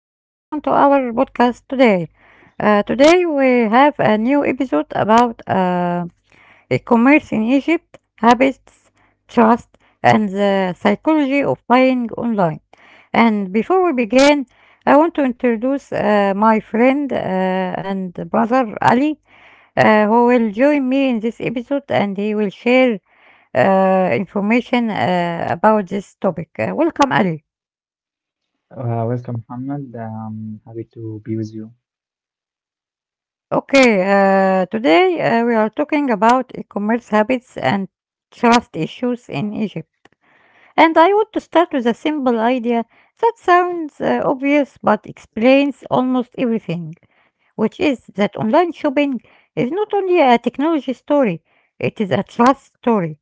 to our podcast today. Today, we have a new episode about e-commerce in Egypt, habits, trust, and the psychology of buying online. And before we begin, I want to introduce my friend and brother Ali, who will join me in this episode, and he will share information about this topic. Welcome, Ali. Welcome, Muhammad. I'm happy to be with you. Okay, today we are talking about e-commerce habits and trust issues in Egypt. And I want to start with a simple idea that sounds obvious but explains almost everything, which is that online shopping is not only a technology story, it is a trust story.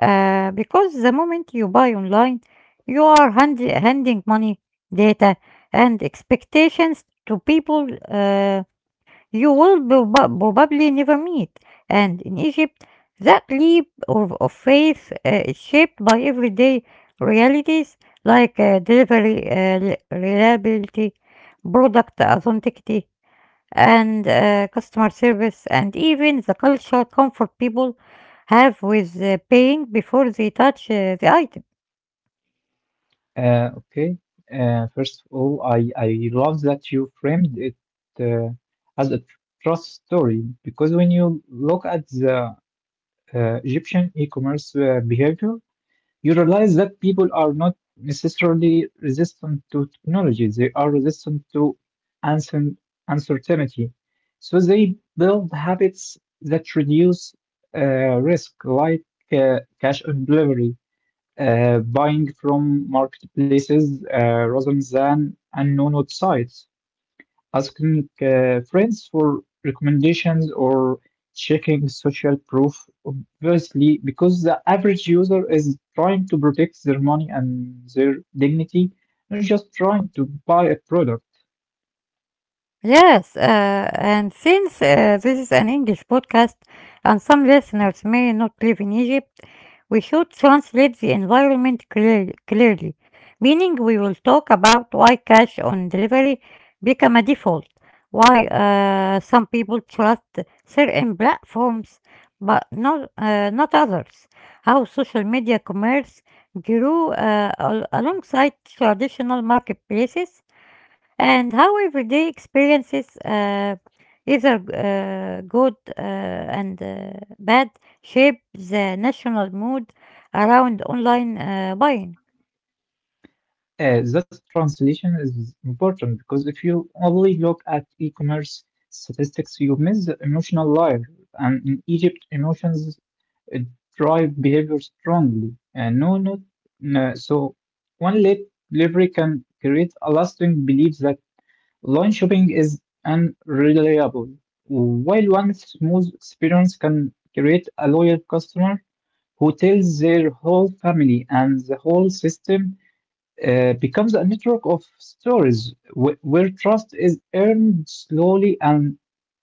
Because the moment you buy online, you are handing money, data, and expectations to people. Uh, you will probably never meet. And in Egypt, that leap of faith is shaped by everyday realities like delivery reliability, product authenticity, and customer service, and even the cultural comfort people have with pain before they touch the item. Uh, okay. First of all, I love that you framed it uh, as a trust story because when you look at the Egyptian e-commerce behavior, you realize that people are not necessarily resistant to technology. They are resistant to uncer- uncertainty. So they build habits that reduce uh, risk, like cash on delivery, buying from marketplaces rather than unknown websites, asking friends for recommendations, or checking social proof, obviously, because the average user is trying to protect their money and their dignity, not just trying to buy a product. Yes. And since this is an English podcast and some listeners may not live in Egypt, we should translate the environment clearly, meaning we will talk about why cash on delivery become a default, why some people trust certain platforms but not others, how social media commerce grew alongside traditional marketplaces and how everyday experiences, either good and bad, shape the national mood around online buying. That translation is important because if you only look at e-commerce statistics, you miss the emotional life. And in Egypt, emotions uh, drive behavior strongly. No, not no. So one late delivery can create a lasting belief that online shopping is unreliable, while one smooth experience can create a loyal customer who tells their whole family, and the whole system becomes a network of stories where trust is earned slowly and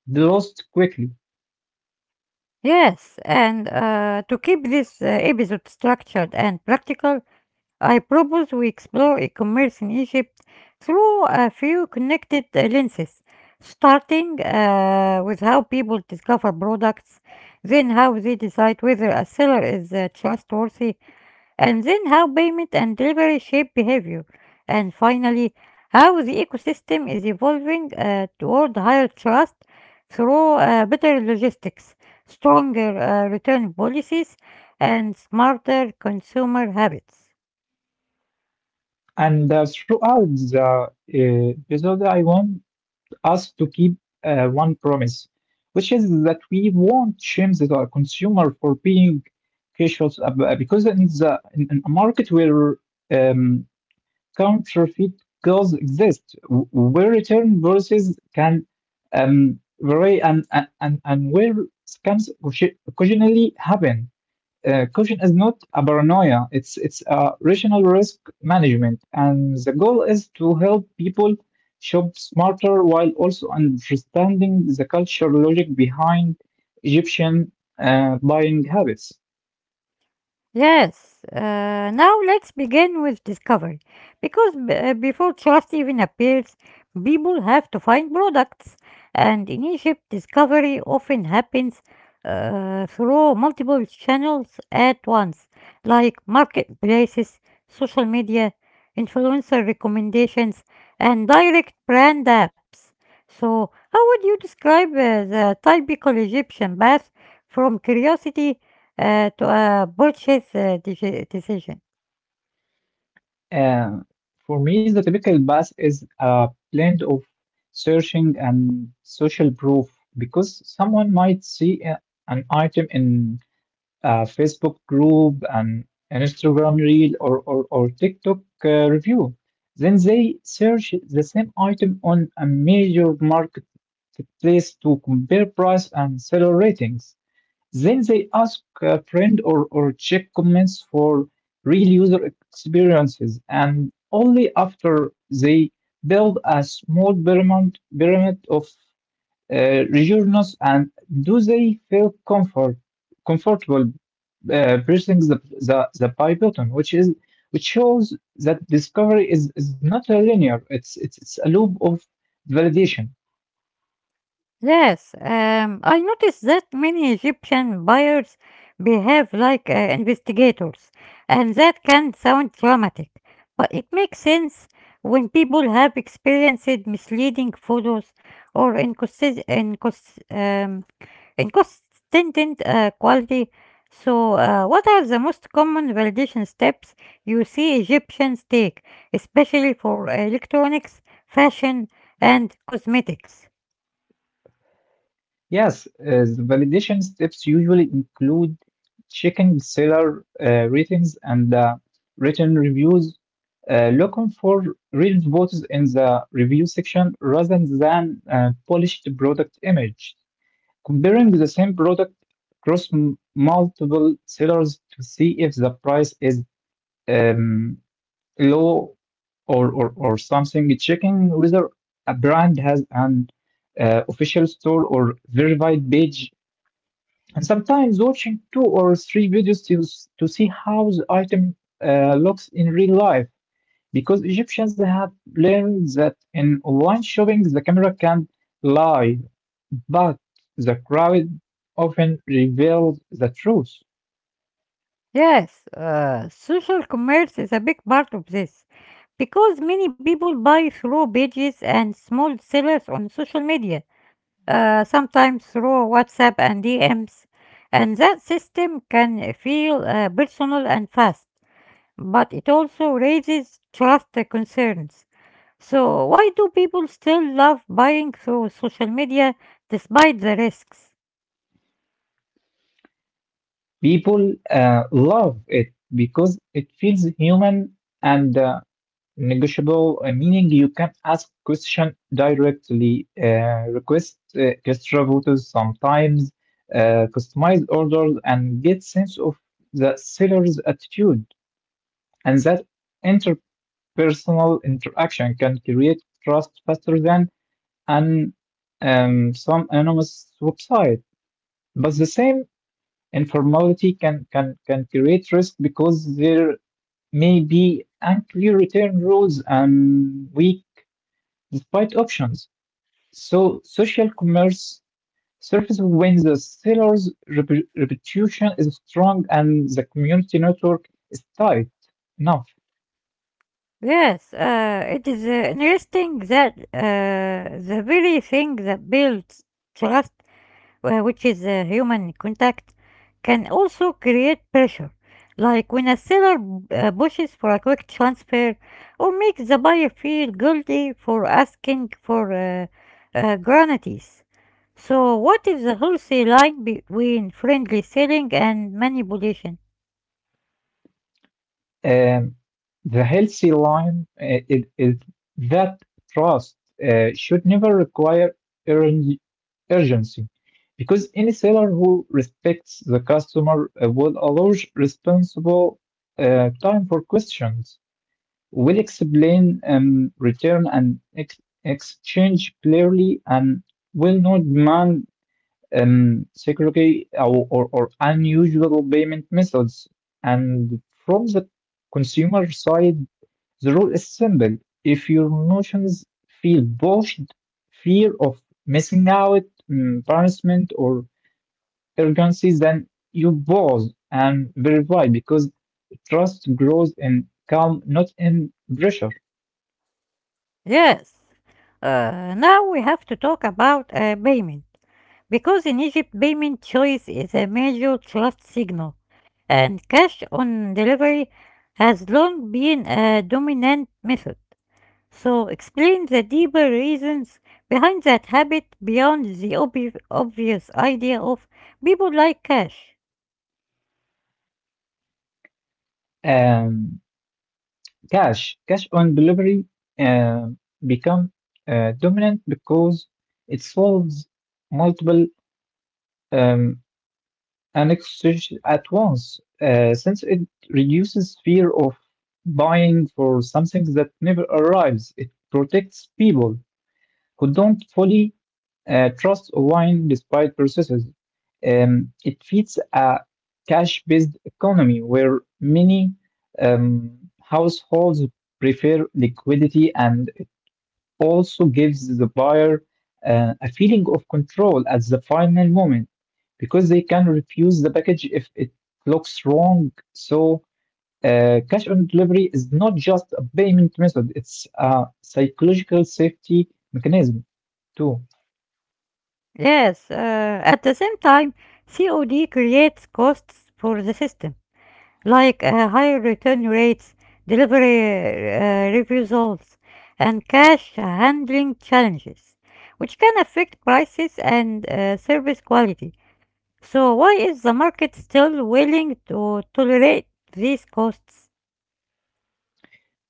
lost quickly. Yes, and to keep this episode structured and practical, I propose we explore e commerce in Egypt through a few connected lenses, starting with how people discover products, then how they decide whether a seller is trustworthy and then how payment and delivery shape behavior, and finally, how the ecosystem is evolving toward higher trust through better logistics, stronger return policies, and smarter consumer habits. And throughout the episode, I want us to keep one promise, which is that we won't shame the consumer for being cautious because in the in a market where um, counterfeit goods exist, where return policies can vary, and where scams occasionally happen. Caution is not a paranoia, it's a rational risk management, and the goal is to help people shop smarter while also understanding the cultural logic behind Egyptian buying habits. Yes. Now let's begin with discovery. Because before trust even appears, people have to find products. And in Egypt, discovery often happens through multiple channels at once, like marketplaces, social media, influencer recommendations, and direct brand apps. So, how would you describe the typical Egyptian bath from curiosity to a purchase decision? Uh, for me, the typical path is a blend of searching and social proof because someone might see an item in a Facebook group, an Instagram reel, or TikTok review. Then they search the same item on a major marketplace to compare price and seller ratings. Then they ask a friend or check comments for real user experiences, and only after they build a small pyramid of reassurance and do they feel comfortable pressing the buy button, which is which shows that discovery is not a linear. It's a loop of validation. Yes. I noticed that many Egyptian buyers behave like investigators, and that can sound dramatic, but it makes sense when people have experienced misleading photos or inconsist- incons- and consistent quality. So, what are the most common validation steps you see Egyptians take, especially for electronics, fashion, and cosmetics? Yes, Validation steps usually include checking seller ratings and written reviews, looking for real photos in the review section rather than polished product image, comparing the same product across multiple sellers to see if the price is um, low or something, checking whether a brand has an official store or verified page, and sometimes watching two or three videos to, to see how the item looks in real life, because Egyptians have learned that in online shopping the camera can lie, but the crowd often reveals the truth. Yes. Social commerce is a big part of this because many people buy through pages and small sellers on social media, sometimes through WhatsApp and DMs, and that system can feel personal and fast, but it also raises trust concerns. So, why do people still love buying through social media despite the risks? People love it because it feels human and, negotiable, meaning you can ask question directly, request extra voters sometimes, customize orders, and get sense of the seller's attitude. And that interpersonal interaction can create trust faster than an some anonymous website. But the same informality can create risk because there may be unclear return rules and weak despite options, so social commerce surfaces when the seller's reputation is strong and the community network is tight enough. Yes, it is interesting that the very thing that builds trust which is human contact, can also create pressure, like when a seller pushes for a quick transfer or makes the buyer feel guilty for asking for granities. So, what is the healthy line between friendly selling and manipulation? Um, the healthy line uh, is that trust should never require urgen- urgency, because any seller who respects the customer will allow responsible time for questions, will explain return and exchange clearly, and will not demand security or unusual payment methods. And from the consumer side, the rule is simple. If your notions feel pushed, fear of missing out, embarrassment, or urgency, then you pause and verify because trust grows in calm, not in pressure. Yes. Now we have to talk about payment. Because in Egypt, payment choice is a major trust signal, and cash on delivery has long been a dominant method. So, explain the deeper reasons behind that habit beyond the obvious idea of people like cash. Um, cash on delivery um become dominant because it solves multiple um, annexes at once, since it reduces fear of buying for something that never arrives. It protects people who don't fully trust online, despite processes, it feeds a cash-based economy where many households prefer liquidity, and it also gives the buyer a feeling of control at the final moment because they can refuse the package if it looks wrong. So, cash on delivery is not just a payment method, it's a psychological safety mechanism too. Yes. At the same time, COD creates costs for the system, like higher return rates, delivery refusals, and cash handling challenges, which can affect prices and service quality. So, why is the market still willing to tolerate these costs?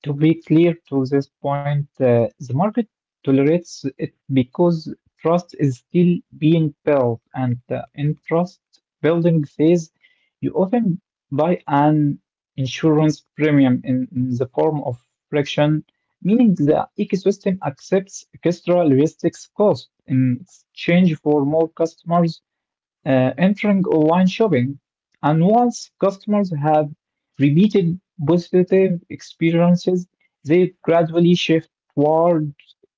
To be clear to this point, the market tolerates it because trust is still being built, and in trust building phase, you often buy an insurance premium in the form of friction, meaning the ecosystem accepts extra logistics cost in exchange for more customers entering online shopping. And once customers have repeated positive experiences, they gradually shift toward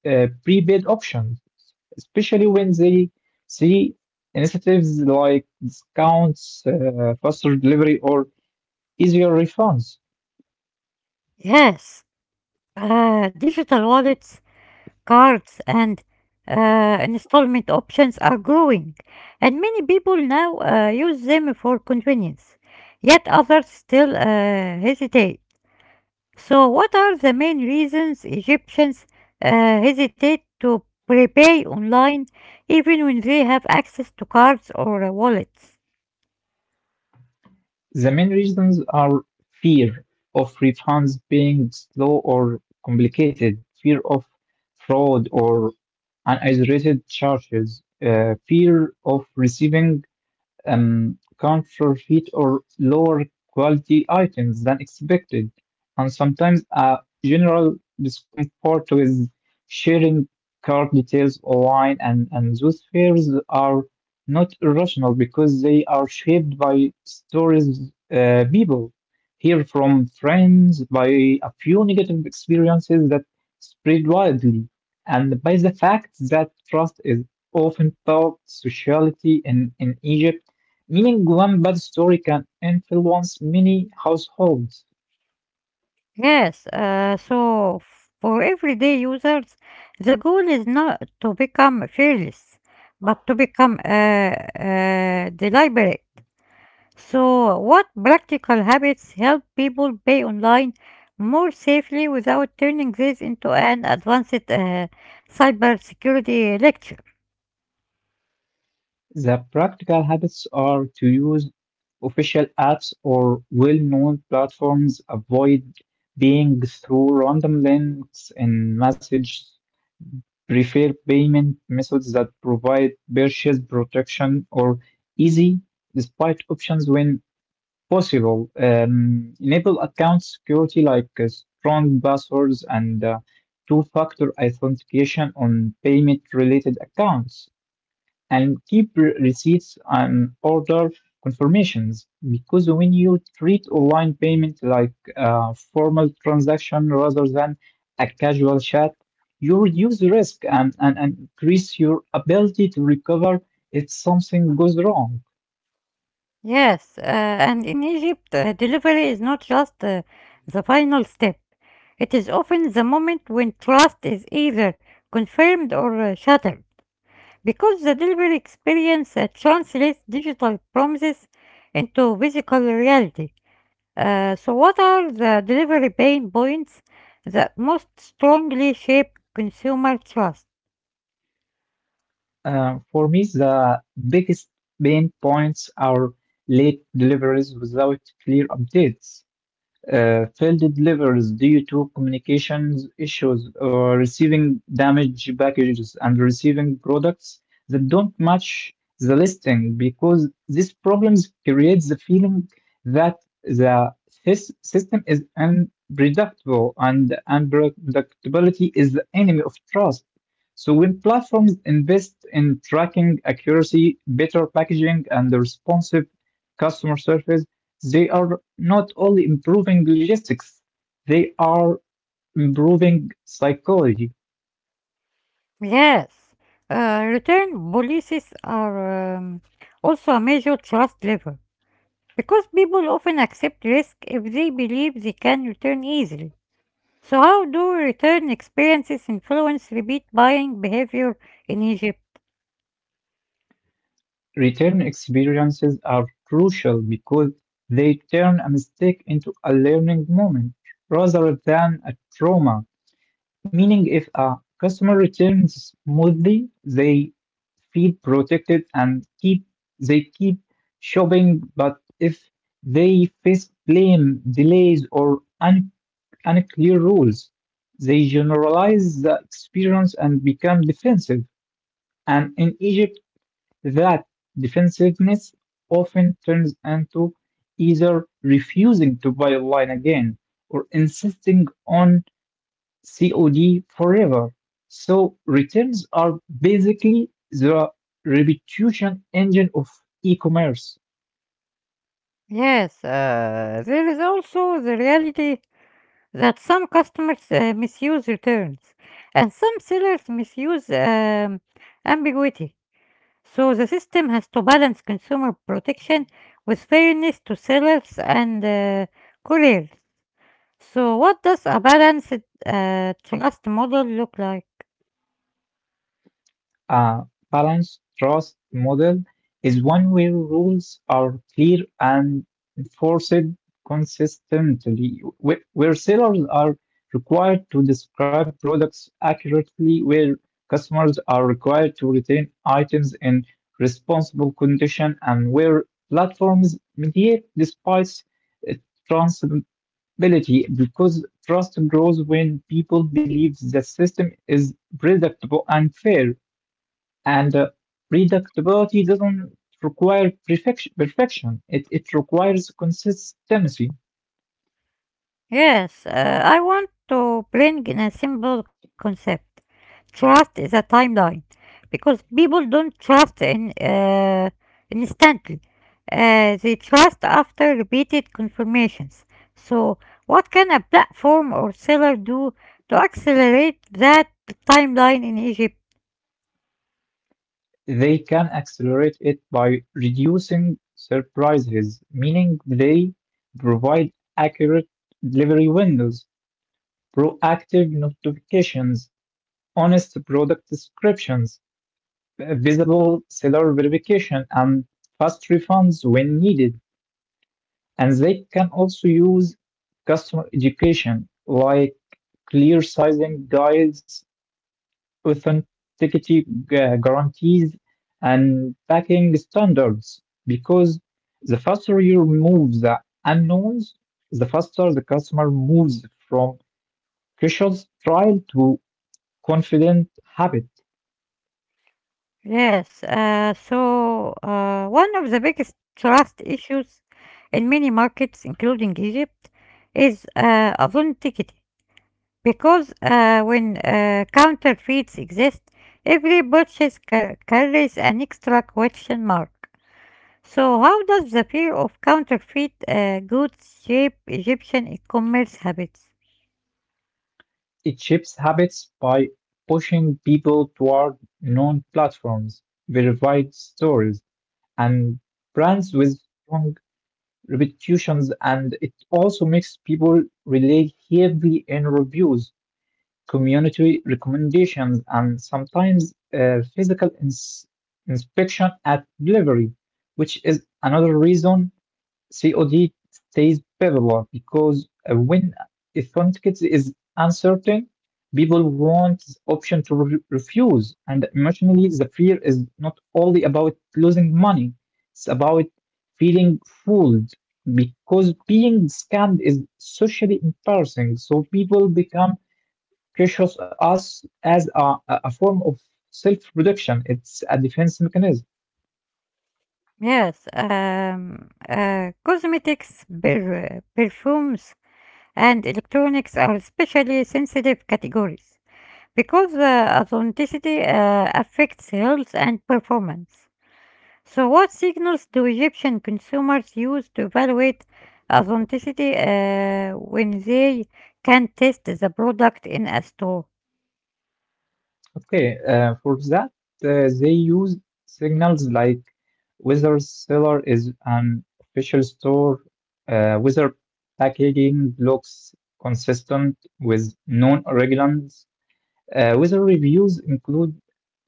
prepaid options, especially when they see initiatives like discounts, faster delivery, or easier refunds. Yes. Digital wallets, cards, and installment options are growing, and many people now use them for convenience, yet others still hesitate. So, what are the main reasons Egyptians uh, hesitate to prepay online even when they have access to cards or wallets? The main reasons are fear of refunds being slow or complicated, fear of fraud, or and isolated churches, fear of receiving counterfeit or lower quality items than expected, and sometimes a general discomfort with sharing card details online, and those fears are not irrational because they are shaped by stories people hear from friends, by a few negative experiences that spread widely, and by the fact that trust is often taught sociality in Egypt, meaning one bad story can influence many households. Yes, so for everyday users, the goal is not to become fearless, but to become deliberate. So, what practical habits help people pay online more safely without turning this into an advanced cybersecurity lecture? The practical habits are to use official apps or well-known platforms, avoid being through random links in messages, prefer payment methods that provide purchase protection or easy despite options when possible. Enable account security like strong passwords and two-factor authentication on payment-related accounts, and keep receipts and order confirmations. Because when you treat online payment like a formal transaction rather than a casual chat, you reduce risk and, and increase your ability to recover if something goes wrong. Yes, and in Egypt, delivery is not just the final step. It is often the moment when trust is either confirmed or shattered, because the delivery experience translates digital promises into physical reality. So, what are the delivery pain points that most strongly shape consumer trust? For me, the biggest pain points are late deliveries without clear updates. Failed deliveries due to communications issues, or receiving damaged packages, and receiving products that don't match the listing, because these problems create the feeling that the system is unpredictable, and unpredictability is the enemy of trust. So when platforms invest in tracking accuracy, better packaging, and responsive customer service, they are not only improving logistics, they are improving psychology. Yes. Return policies are also a major trust lever, because people often accept risk if they believe they can return easily. So, how do return experiences influence repeat buying behavior in Egypt? Return experiences are crucial because they turn a mistake into a learning moment rather than a trauma. Meaning, if a customer returns smoothly, they feel protected and keep shopping. But if they face blame, delays, or un and clear rules, they generalize the experience and become defensive. And in Egypt, that defensiveness often turns into either refusing to buy online again or insisting on COD forever. So returns are basically the reputation engine of e-commerce. Yes. There is also the reality that some customers misuse returns and some sellers misuse ambiguity. So, the system has to balance consumer protection with fairness to sellers and couriers. So, what does a balanced trust model look like? A balanced trust model is one where rules are clear and enforced consistently, where sellers are required to describe products accurately, where customers are required to retain items in responsible condition, and where platforms mediate despite uh, transparency, because trust grows when people believe the system is predictable and fair. And predictability doesn't require perfection. It requires consistency. Yes. I want to bring in a simple concept. Trust is a timeline because people don't trust in instantly. They trust after repeated confirmations. So, what can a platform or seller do to accelerate that timeline in Egypt? They can accelerate it by reducing surprises, meaning they provide accurate delivery windows, proactive notifications, honest product descriptions, visible seller verification, and fast refunds when needed. And they can also use customer education like clear sizing guides, authenticity guarantees, and packing standards. Because the faster you remove the unknowns, the faster the customer moves from cautious trial to confident habit. Yes, so one of the biggest trust issues in many markets, including Egypt, is authenticity. Because when counterfeits exist, every purchase carries an extra question mark. So, how does the fear of counterfeit goods shape Egyptian e-commerce habits? It shapes habits by pushing people toward known platforms, verified stories, and brands with strong reputations, and it also makes people rely heavily on reviews, community recommendations, and sometimes physical inspection at delivery, which is another reason COD stays popular because when authenticates is uncertain, people want the option to refuse. And emotionally, the fear is not only about losing money, it's about feeling fooled because being scammed is socially embarrassing. So people become cautious us as a form of self-protection. It's a defense mechanism. Yes. Cosmetics, perfumes, and electronics are especially sensitive categories because authenticity affects health and performance. So, what signals do Egyptian consumers use to evaluate authenticity when they can test the product in a store? Okay, for that, they use signals like whether seller is an official store, whether packaging looks consistent with known regulations, weather reviews include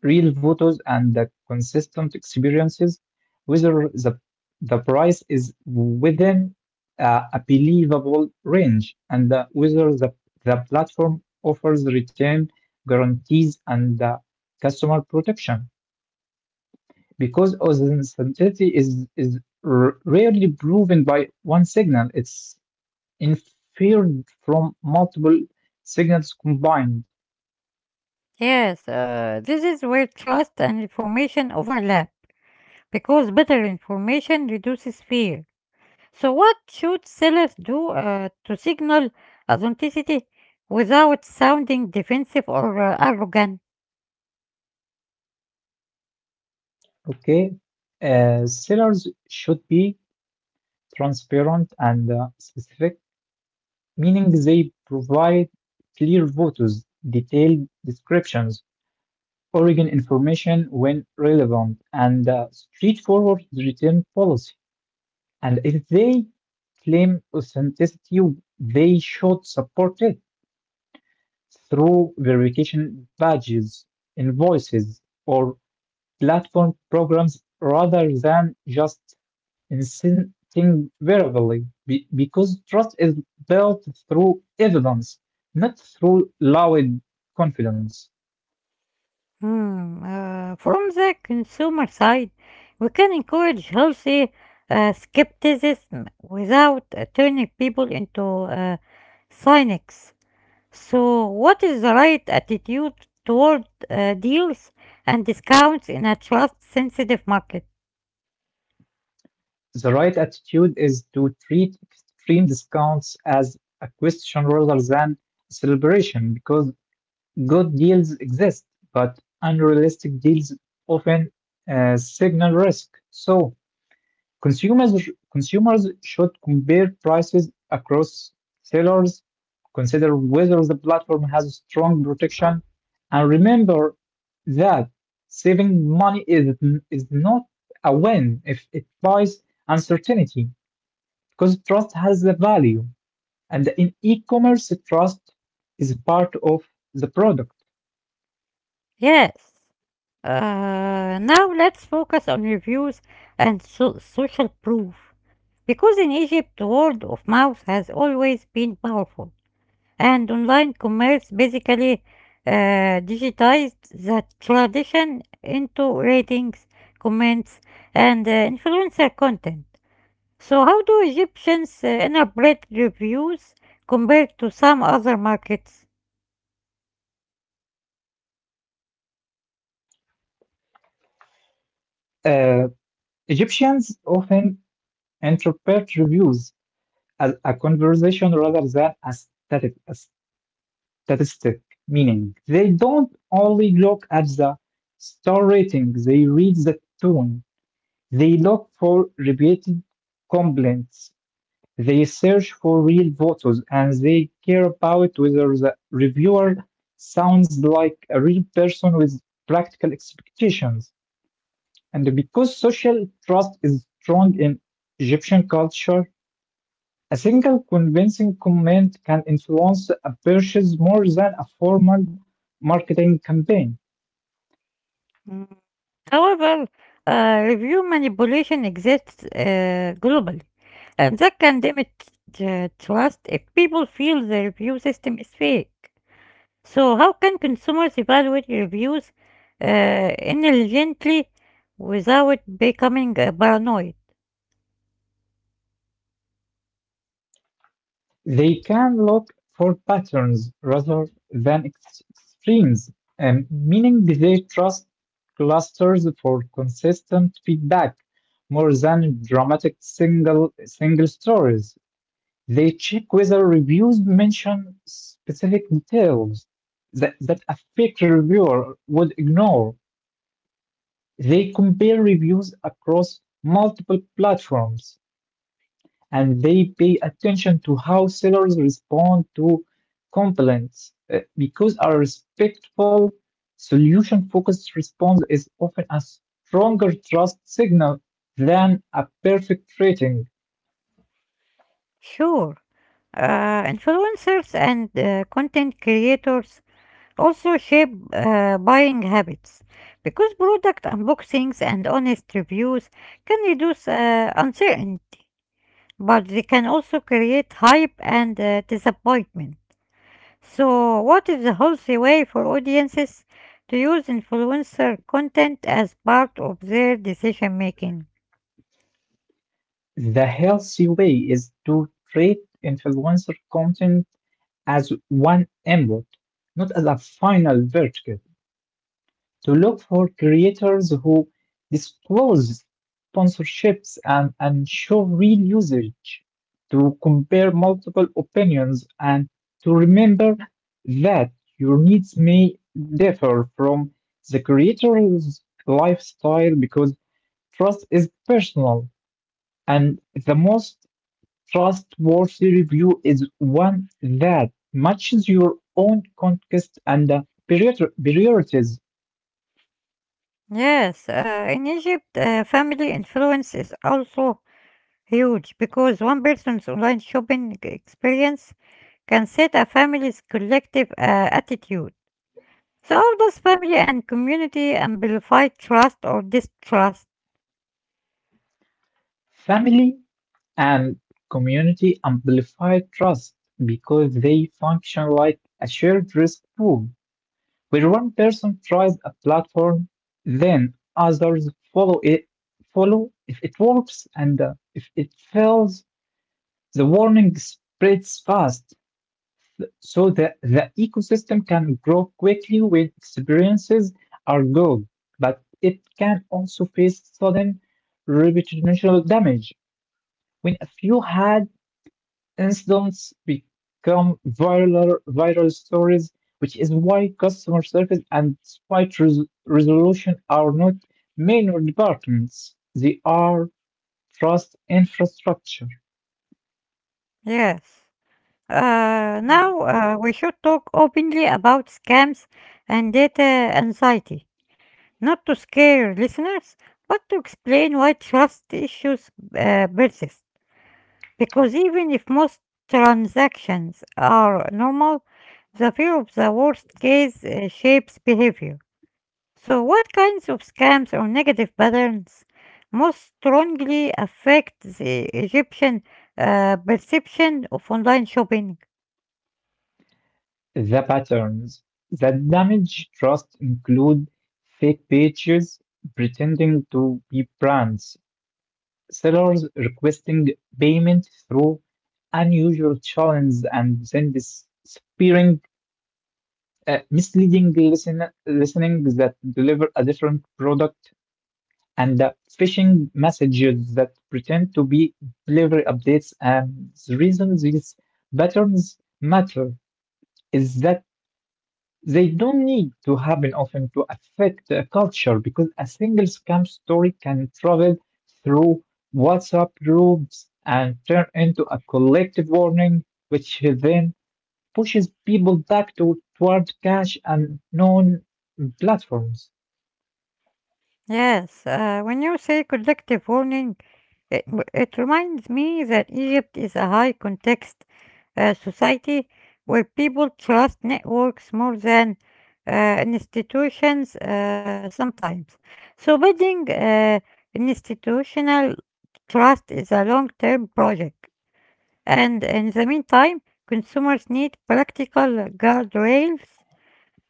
real photos and the consistent experiences. Whether the price is within a believable range, and whether the platform offers return guarantees and customer protection. Because authenticity is rarely proven by one signal, it's inferred from multiple signals combined. Yes. This is where trust and information overlap because better information reduces fear. So, what should sellers do to signal authenticity without sounding defensive or arrogant? Okay. Sellers should be transparent and specific, meaning they provide clear photos, detailed descriptions, origin information when relevant, and straightforward return policy. And if they claim authenticity, they should support it through verification badges, invoices, or platform programs rather than just instinctively because trust is built through evidence, not through loud confidence. Hmm. From the consumer side, we can encourage healthy skepticism without turning people into cynics. So, what is the right attitude toward deals and discounts in a trust sensitive market? The right attitude is to treat extreme discounts as a question rather than a celebration because good deals exist, but unrealistic deals often signal risk. So, Consumers consumers should compare prices across sellers, consider whether the platform has strong protection, and remember that saving money is not a win if it buys uncertainty, because trust has a value, and in e-commerce, trust is part of the product. Yes. Now let's focus on reviews and social proof. Because in Egypt, word of mouth has always been powerful, and online commerce basically digitized that tradition into ratings, comments, and influencer content. So, how do Egyptians interpret reviews compared to some other markets? Uh, Egyptians often interpret reviews as a conversation rather than a statistic, meaning they don't only look at the star rating, they read the tone, they look for repeated complaints, they search for real voters, and they care about whether the reviewer sounds like a real person with practical expectations. And because social trust is strong in Egyptian culture, a single convincing comment can influence a purchase more than a formal marketing campaign. However, review manipulation exists globally, and that can damage trust if people feel the review system is fake. So, how can consumers evaluate reviews intelligently without becoming paranoid? They can look for patterns rather than extremes, meaning they trust clusters for consistent feedback more than dramatic single stories. They check whether reviews mention specific details that a fake reviewer would ignore. They compare reviews across multiple platforms, and they pay attention to how sellers respond to complaints because a respectful, solution focused response is often a stronger trust signal than a perfect rating. Sure. Influencers and content creators also shape buying habits because product unboxings and honest reviews can reduce uncertainty, but they can also create hype and disappointment. So, what is the healthy way for audiences to use influencer content as part of their decision making? The healthy way is to treat influencer content as one input, not as a final verdict, to look for creators who disclose sponsorships and show real usage, to compare multiple opinions, and to remember that your needs may differ from the creator's lifestyle because trust is personal, and the most trustworthy review is one that matches your own context and priori- priorities. Yes. In Egypt, family influence is also huge because one person's online shopping experience can set a family's collective attitude. So, how does family and community amplify trust or distrust? Family, and community amplify trust because they function like a shared risk pool, where one person tries a platform, then others follow if it works, and if it fails, the warning spreads fast. So that the ecosystem can grow quickly when experiences are good, but it can also face sudden reputational damage when a few had incidents become viral stories, which is why customer service and dispute resolution are not minor departments. They are trust infrastructure. Yes. Now we should talk openly about scams and data anxiety, not to scare listeners, but to explain why trust issues persist. Because even if most transactions are normal, the fear of the worst case shapes behavior. So, what kinds of scams or negative patterns most strongly affect the Egyptian perception of online shopping? The patterns that damage trust include fake pages pretending to be brands, sellers requesting payment through unusual channels and then disappearing, misleading listenings that deliver a different product, and the phishing messages that pretend to be delivery updates. And the reason these patterns matter is that they don't need to happen often to affect a culture because a single scam story can travel through WhatsApp groups and turn into a collective warning, which then pushes people toward cash and known platforms. Yes. When you say collective warning, it reminds me that Egypt is a high context society where people trust networks more than institutions sometimes. So, building an institutional trust is a long term project. And in the meantime, consumers need practical guardrails.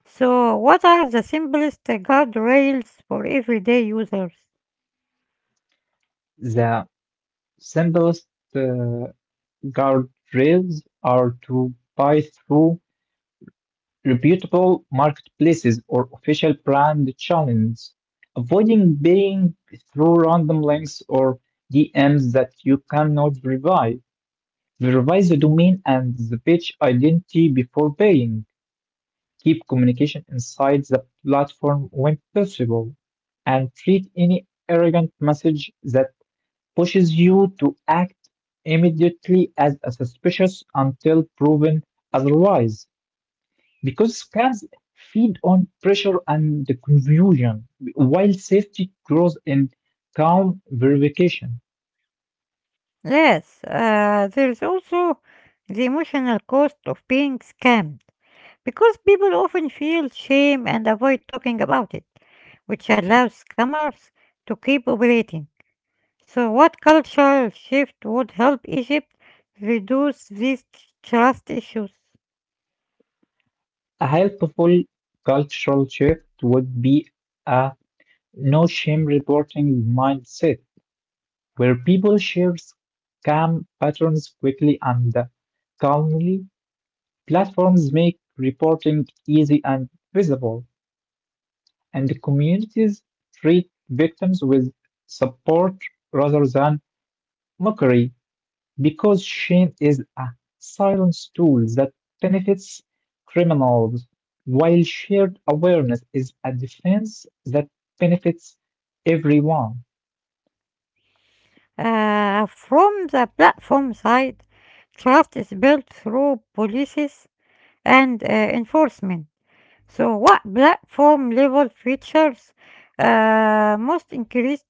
So, what are the simplest guardrails for everyday users? The simplest uh, guardrails are to buy through reputable marketplaces or official brand channels, avoiding paying through random links or DMs that you cannot verify. Verify the domain and the page identity before paying. Keep communication inside the platform when possible, and treat any arrogant message that pushes you to act immediately as a suspicious until proven otherwise. Because scams feed on pressure and the confusion, while safety grows in calm verification. Yes. There's also the emotional cost of being scammed because people often feel shame and avoid talking about it, which allows scammers to keep operating. So, what cultural shift would help Egypt reduce these trust issues? A helpful cultural shift would be a no shame reporting mindset where people share scam patterns quickly and calmly. Platforms make reporting easy and visible, and the communities treat victims with support rather than mockery because shame is a silent tool that benefits criminals, while shared awareness is a defense that benefits everyone. From the platform side, trust is built through policies and enforcement. So, what platform level features most increase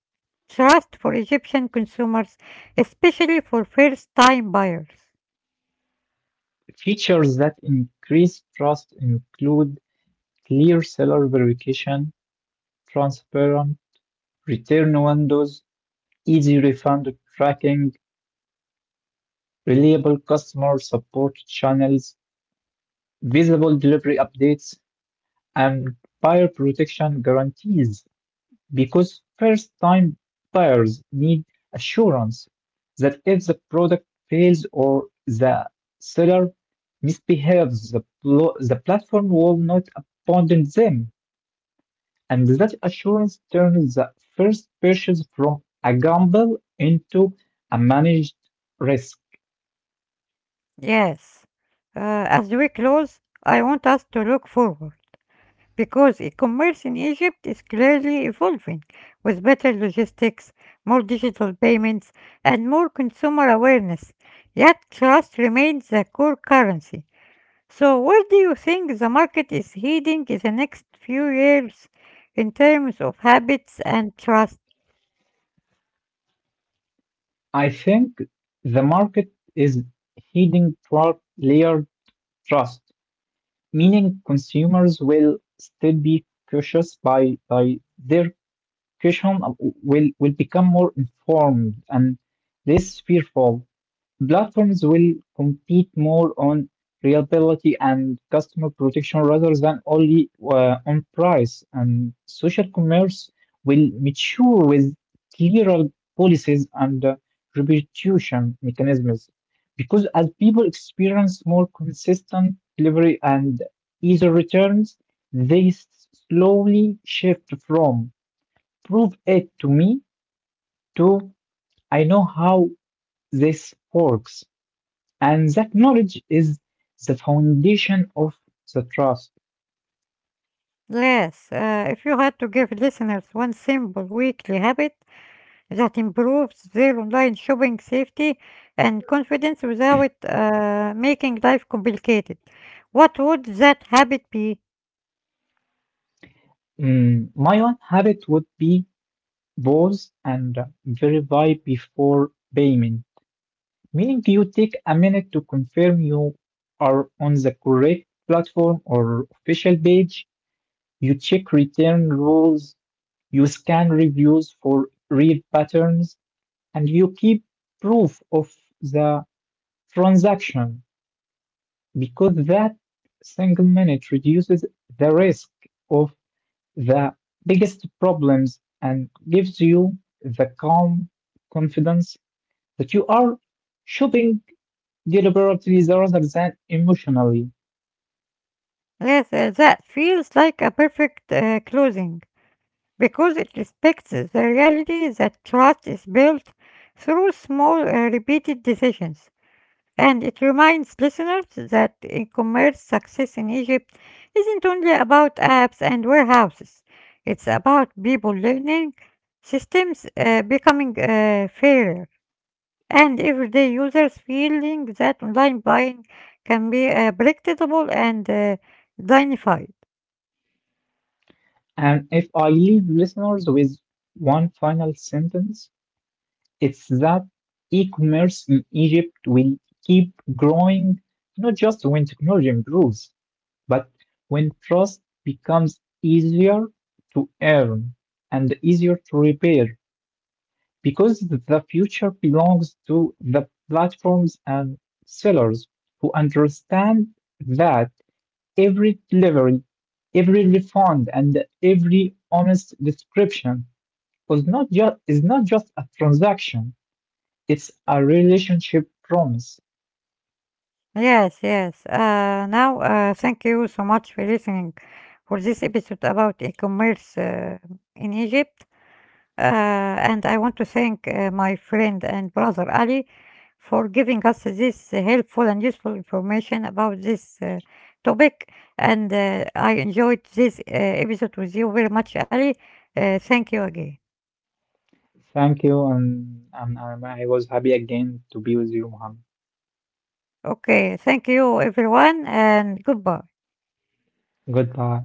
trust for Egyptian consumers, especially for first time buyers? Features that increase trust include clear seller verification, transparent return windows, easy refund tracking, reliable customer support channels, visible delivery updates, and buyer protection guarantees. Because first time buyers need assurance that if the product fails or the seller misbehaves, the platform will not abandon them, and that assurance turns the first purchase from a gamble into a managed risk. Yes. As we close, I want us to look forward, because e-commerce in Egypt is clearly evolving with better logistics, more digital payments, and more consumer awareness. Yet trust remains the core currency. So where do you think the market is heading in the next few years in terms of habits and trust? I think the market is heading toward layered trust, meaning consumers will still be cautious by their caution will become more informed and less fearful. Platforms will compete more on reliability and customer protection rather than only on price, and social commerce will mature with clearer policies and reputation mechanisms. Because as people experience more consistent delivery and easier returns, they s- slowly shift from prove it to me to I know how this works. And that knowledge is the foundation of the trust. Yes. If you had to give listeners one simple weekly habit that improves their online shopping safety and confidence without making life complicated, what would that habit be? My one habit would be pause and verify before payment, meaning you take a minute to confirm you are on the correct platform or official page. You check return rules, you scan reviews for real patterns, and you keep proof of the transaction, because that single minute reduces the risk of the biggest problems and gives you the calm confidence that you are shopping deliberately rather than emotionally. Yes. That feels like a perfect closing because it respects the reality that trust is built through small repeated decisions. And it reminds listeners that e commerce success in Egypt isn't only about apps and warehouses, it's about people learning, systems becoming fairer, and everyday users feeling that online buying can be predictable and dignified. And if I leave listeners with one final sentence, it's that e commerce in Egypt will keep growing, not just when technology improves, but when trust becomes easier to earn and easier to repair, because the future belongs to the platforms and sellers who understand that every delivery, every refund, and every honest description was not just is not just a transaction, it's a relationship promise. Yes, yes. Now, thank you so much for listening for this episode about e commerce in Egypt. And I want to thank my friend and brother Ali for giving us this helpful and useful information about this topic. And I enjoyed this episode with you very much, Ali. Thank you again. Thank you, and I was happy again to be with you, Mohammed. Okay, thank you, everyone, and goodbye. Goodbye.